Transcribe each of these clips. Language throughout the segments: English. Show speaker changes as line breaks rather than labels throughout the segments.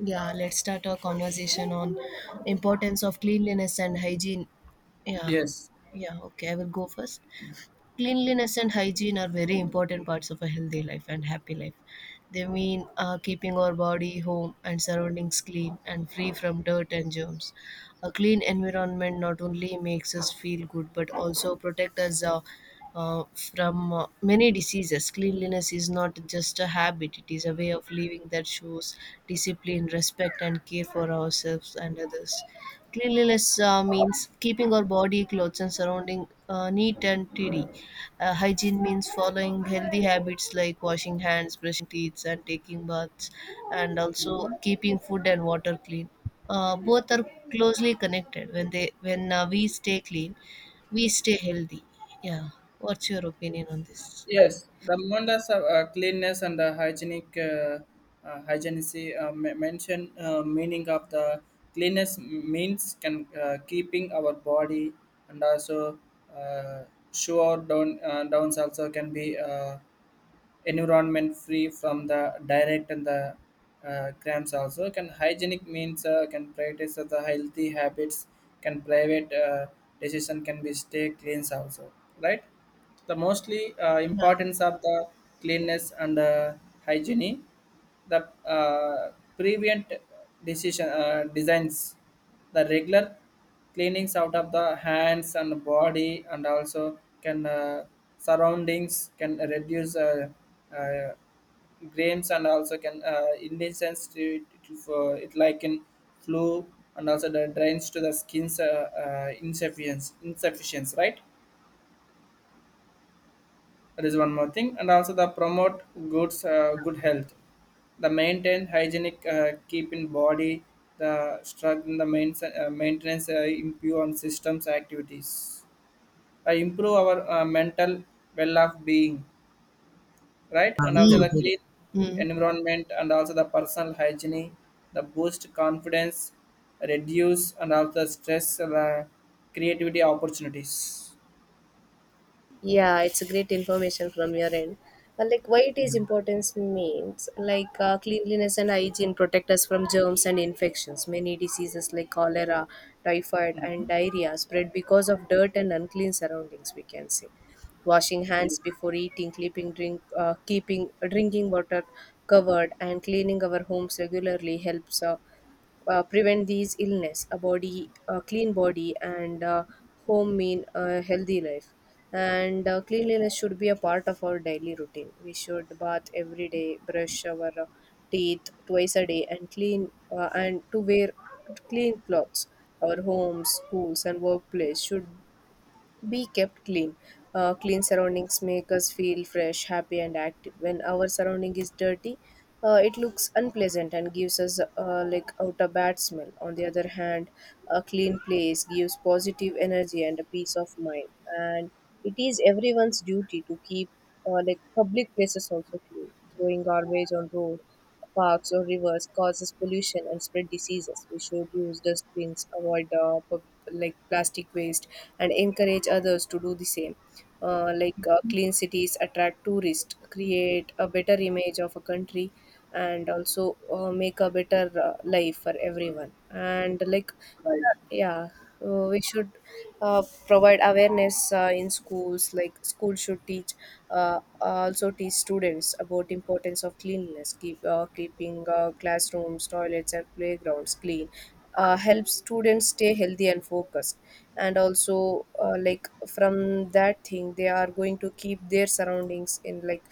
Yeah, let's start our conversation on importance of cleanliness and hygiene. Yeah,
Yes.
yeah, okay, I will go first cleanliness and hygiene are very important parts of a healthy life and happy life. They mean keeping our body, home, and surroundings clean and free from dirt and germs. A clean environment not only makes us feel good but also protect us uh, uh, from uh, many diseases. Cleanliness is not just a habit, it is a way of living that shows discipline, respect, and care for ourselves and others. Cleanliness means keeping our body, clothes, and surrounding neat and tidy. Hygiene means following healthy habits like washing hands, brushing teeth, and taking baths, and also
Mhm.
keeping food and water clean. Both are closely connected. When we stay clean, we stay healthy. Yeah. What's your opinion on this? Yeah.
Yes. The Mondas of cleanness and the hygienic hygienic mention meaning of the cleanness means can keeping our body and also uh, sure down downs also can be. Environment free from the direct and the grams also can hygienic means can practice the healthy habits can private decision can be stay cleans also right the mostly importance of the cleanness and hygiene the prevent decision designs the regular cleanings out of the hands and body and also can surroundings can reduce uh, grains and also can incense to it like in flu and also the drains to the skin's insufficiency right that is one more thing and also the promote goods good health the maintain hygienic keep in body the struggle the maintenance improve on systems activities improve our mental well of being right and also the clean
Yeah. Mm.
environment and also the personal hygiene the boost confidence reduce and also stress uh, creativity opportunities.
Yeah, it's a great information from your end. And like why it
Yeah.
is importance means like cleanliness and hygiene protect us from germs and infections. Many diseases like cholera, typhoid, and
Mhm.
diarrhea spread because of dirt and unclean surroundings. We can say washing hands
Yes,
before eating, keeping drinking water covered, and cleaning our homes regularly helps. Prevent these illness a body a clean body and home mean a healthy life, and cleanliness should be a part of our daily routine. We should bath every day, brush our teeth twice a day, and clean and to wear clean clothes. Our homes, schools, and workplace should be kept clean. Clean surroundings make us feel fresh, happy, and active. When our surrounding is dirty, it looks unpleasant and gives us like out a bad smell. On the other hand, a clean place gives positive energy and a peace of mind. And it is everyone's duty to keep like public places also clean. Throwing garbage on road, parks, or rivers causes pollution and spread diseases. We should use dustbins, avoid like plastic waste, and encourage others to do the same. Like clean cities attract tourists, create a better image of a country, and also make a better life for everyone. And like
right.
yeah, we should provide awareness in schools. Like school should teach, also teach students about importance of cleanliness, keeping classrooms, toilets, and playgrounds clean. Helps students stay healthy and focused, and also like from that thing, they are going to keep their surroundings in like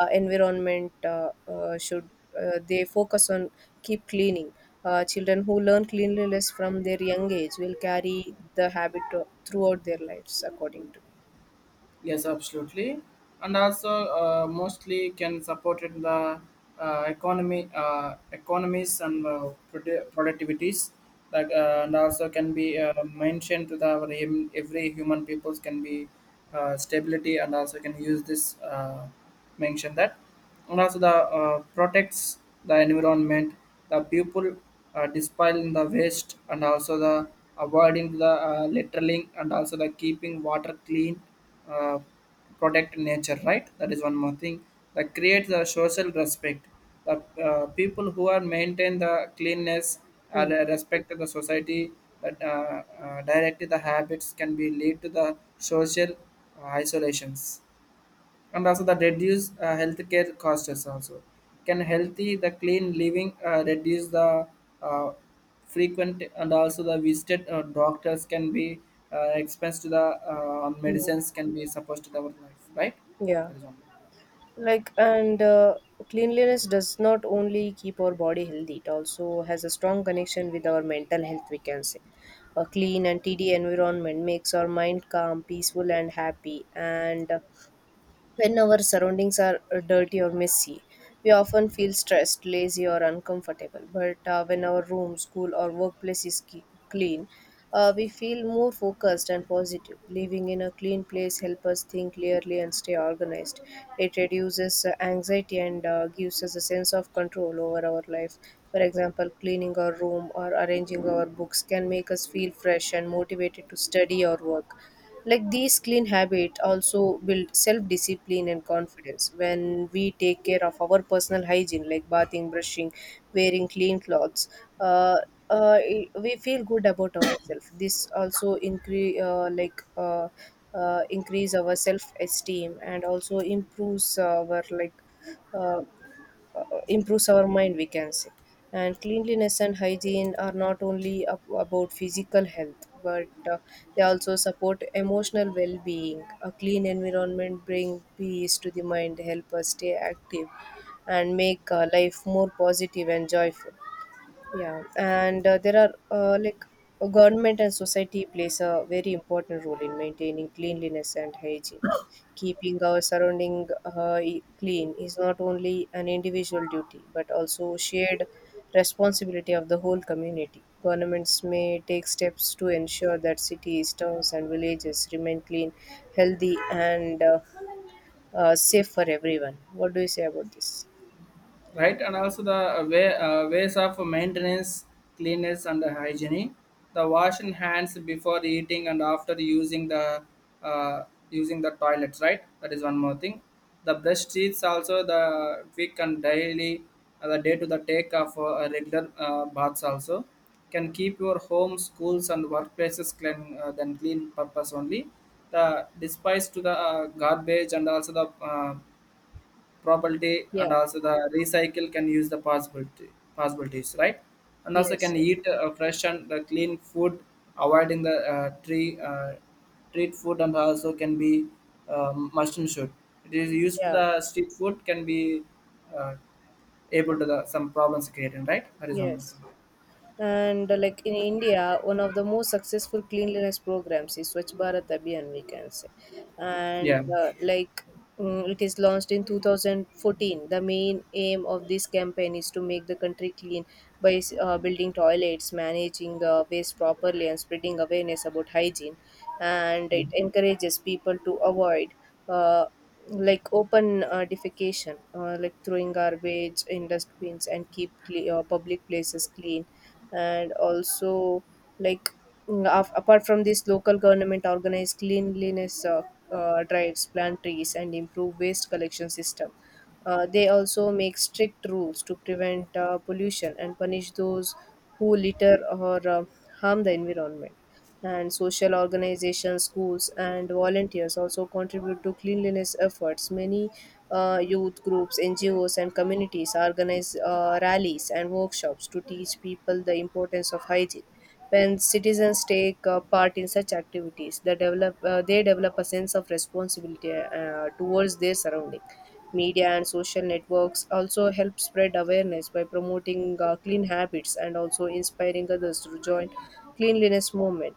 environment should they focus on keep cleaning. Children who learn cleanliness from their young age will carry the throughout their lives, according to
Yes, absolutely. And also, mostly can support in the economy, economies and productivities. Like, and also can be mentioned to the our every human peoples can be stability and also can use this mention that and also the protects the environment the people dispelling the waste and also the avoiding the littering and also the keeping water clean uh, protect nature right that is one more thing that creates the social respect the people who are maintain the cleanness and
me.
respect the society that directly the habits can be lead to the social isolations and also that reduce healthcare costs also can healthy the clean living reduce the uh, frequent and also the visited doctors can be expense to the medicines can be supposed to our life right
Yeah,
that is one.
like and cleanliness does not only keep our body healthy; it also has a strong connection with our mental health. We can say a clean and tidy environment makes our mind calm, peaceful, and happy, and when our surroundings are dirty or messy, we often feel stressed, lazy, or uncomfortable. But when our room, school, or workplace is clean, we feel more focused and positive. Living in a clean place helps us think clearly and stay organized. It reduces anxiety and gives us a sense of control over our life. For example, cleaning our room or arranging our books can make us feel fresh and motivated to study or work. Like these clean habits also build self discipline and confidence when we take care of our personal hygiene, like bathing, brushing, wearing clean clothes. Uh, we feel good about ourselves. This also increase our self esteem and also uh, improves our mind, we can say. And cleanliness and hygiene are not only about physical health but uh, they also support emotional well-being. A clean environment brings peace to the mind, help us stay active and make life more positive and joyful. Yeah, and there are uh, like government and society plays a very important role in maintaining cleanliness and hygiene. Keeping our surrounding clean is not only an individual duty but also shared responsibility of the whole community. Governments may take steps to ensure that cities, towns, and villages remain clean, healthy, and safe for everyone. What do you say about this?
Right? And also the way, ways of maintenance, cleanliness and hygiene. The washing hands before eating and after uh, using the toilets, right? That is one more thing. The brush teeth also the quick and daily the day to the take of regular baths also can keep your home, schools, and workplaces clean than clean purpose only. The despise to the garbage and also the property
Yeah.
and also the recycle can use the possibility possibilities right and also
Yes.
can
Yes.
eat fresh and clean food avoiding the tree treat food and also can be mushroom shoot it is used to
Yeah.
the street food can be uh, able to the some problems creating right that is one more
Yes.
thing.
And like in India, one of the most successful cleanliness programs is Swachh Bharat Abhiyan, we can say. And
Yeah. Mhm.
it is launched in 2014. The main aim of this campaign is to make the country clean by building toilets, managing waste properly, and spreading awareness about hygiene. And it encourages people to avoid. Uh, like open defecation, like throwing garbage in dustbins and keep public places clean, and also like apart from this, local government organize cleanliness drives, plant trees, and improve waste collection system. They also make strict rules to prevent pollution and punish those who litter or harm the environment. And social organizations, schools, and volunteers also contribute to cleanliness efforts. Many youth groups, NGOs, and communities organize rallies and workshops to teach people the importance of hygiene. When citizens take part in such activities, they develop a sense of responsibility towards their surrounding. Media and social networks also help spread awareness by promoting clean habits and also inspiring others to join cleanliness movement.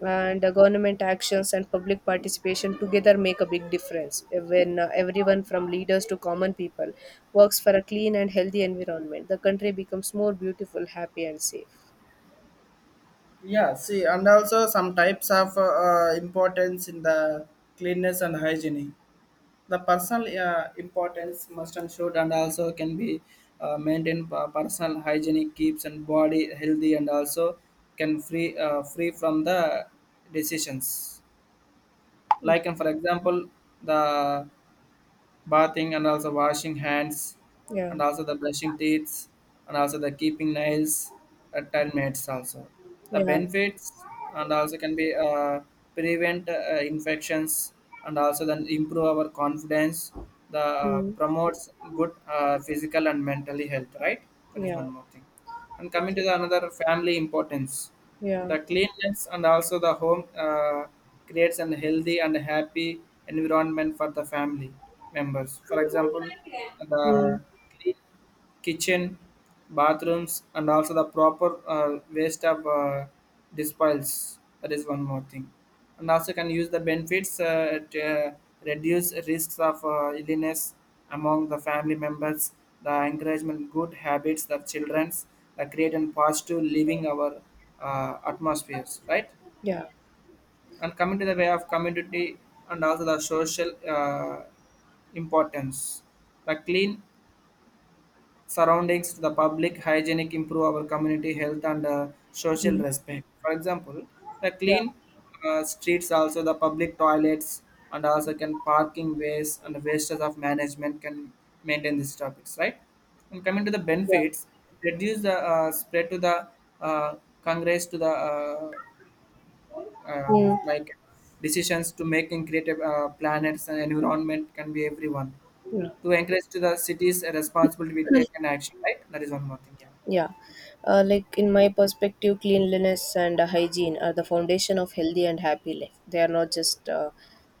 And government actions and public participation together make a big difference when everyone from leaders to common people works for a clean and healthy environment. The country becomes more beautiful, happy, and safe.
Yeah, see, and also some types of importance in the cleanness and hygiene the personal importance must ensured and also can be maintained personal hygienic keeps and body healthy and also can free from the decisions like and for example the bathing and also washing hands
Yeah,
and also the brushing teeth and also the keeping nails at 10 minutes also the
yeah,
benefits and also can be prevent infections and also then improve our confidence the
mm.
promotes good physical and mentally health right that is
Yeah,
one more thing and coming to the another family importance
yeah,
the cleanliness and also the home creates an healthy and happy environment for the family members. For example,
mm.
the clean kitchen, bathrooms, and also the proper waste of disposals. That is one more thing. And also can use the benefits to reduce risks of illness among the family members, the encouragement good habits the children's, the create and positive living our atmospheres, right?
Yeah,
And coming to the way of community and also the social importance. The clean surroundings to the public hygienic improve our community health and social
mm.
respect, for example the
Yeah,
clean streets also the public toilets and also can parking ways and wastes of management can maintain these topics right and coming to the
yeah,
benefits reduce the spread to the uh, congress to the
mm.
like decisions to make and creative planets and environment can be everyone
Yeah.
to encourage to the cities a responsibility to take an action right that is one more thing. Yeah.
Yeah, like in my perspective, cleanliness and hygiene are the foundation of healthy and happy life. They are not just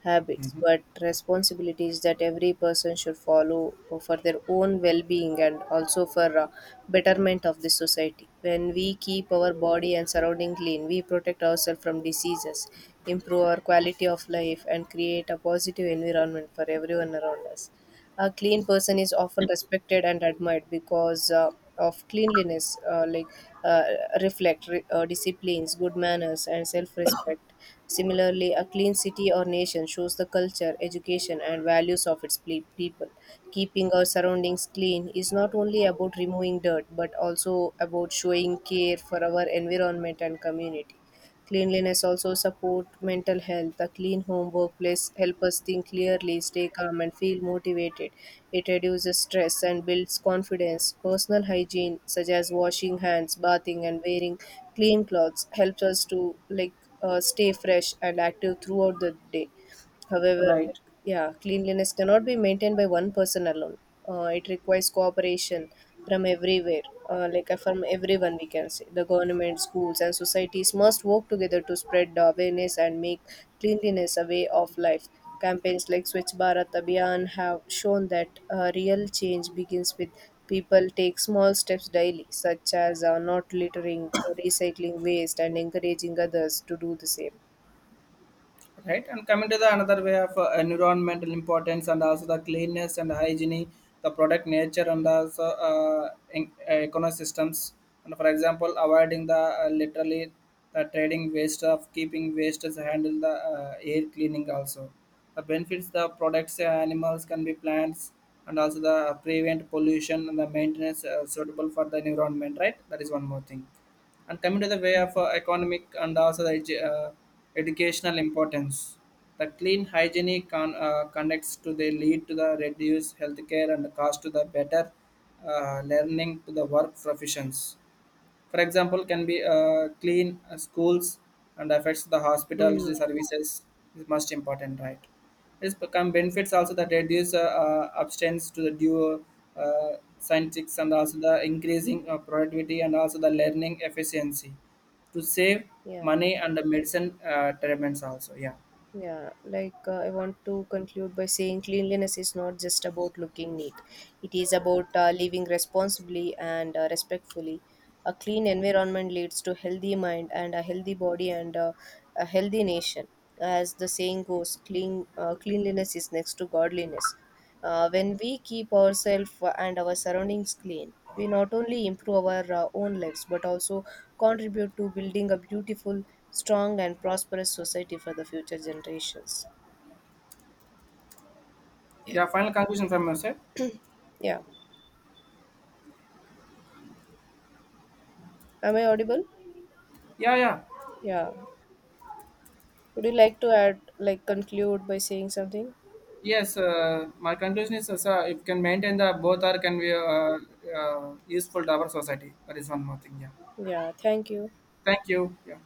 habits, but responsibilities that every person should follow for their own well-being and also for betterment of the society. When we keep our body and surrounding clean, we protect ourselves from diseases, improve our quality of life, and create a positive environment for everyone around us. A clean person is often respected and admired because of cleanliness, uh, reflect disciplines, good manners, and self-respect. Similarly, a clean city or nation shows the culture, education, and values of its people. Keeping our surroundings clean is not only about removing dirt but also about showing care for our environment and community. Cleanliness also support mental health. A clean home workplace help us think clearly, stay calm and feel motivated. It reduces stress and builds confidence. Personal hygiene such as washing hands, bathing and wearing clean clothes helps us to like stay fresh and active throughout the day. However,
Right.
yeah, cleanliness cannot be maintained by one person alone. It requires cooperation from everywhere, from everyone, we can say. The government, schools, and societies must work together to spread the awareness and make cleanliness a way of life. Campaigns like Swachh Bharat Abhiyan have shown that real change begins with people take small steps daily, such as not littering, recycling waste, and encouraging others to do the same.
Right, and coming to the another way of environmental importance and also the cleanness and hygiene the product nature and also ecosystems and for example avoiding the literally the trading waste of keeping waste as handle the air cleaning also the benefits the products animals can be plants and also the prevent pollution and the maintenance suitable for the environment right that is one more thing and coming to the way of economic and also the educational importance the clean hygiene connects to the lead to the reduced healthcare and the cost to the better learning to the work professions, for example, can be clean schools and affects the hospitals.
Hmm.
The services is most important, right? It's become benefits also that reduce abstinence to the due scientists and also the increasing productivity and also the learning efficiency to save
Yeah.
money and the medicine treatments also. Yeah.
Yeah, like I want to conclude by saying cleanliness is not just about looking neat. It is about living responsibly and respectfully. A clean environment leads to healthy mind and a healthy body and a healthy nation. As the saying goes, cleanliness is next to godliness. When we keep ourselves and our surroundings clean, we not only improve our own lives but also contribute to building a beautiful, strong, and prosperous society for the future generations. Yeah.
Yeah. Final conclusion from yourself.
Yeah. Am I audible?
Yeah. Yeah.
Yeah. Would you like to add, like, conclude by saying something?
Yes, my conclusion is, sir, if can maintain the both are can be useful to our society. That is one more thing. Yeah.
Yeah. Thank you.
Thank you. Yeah.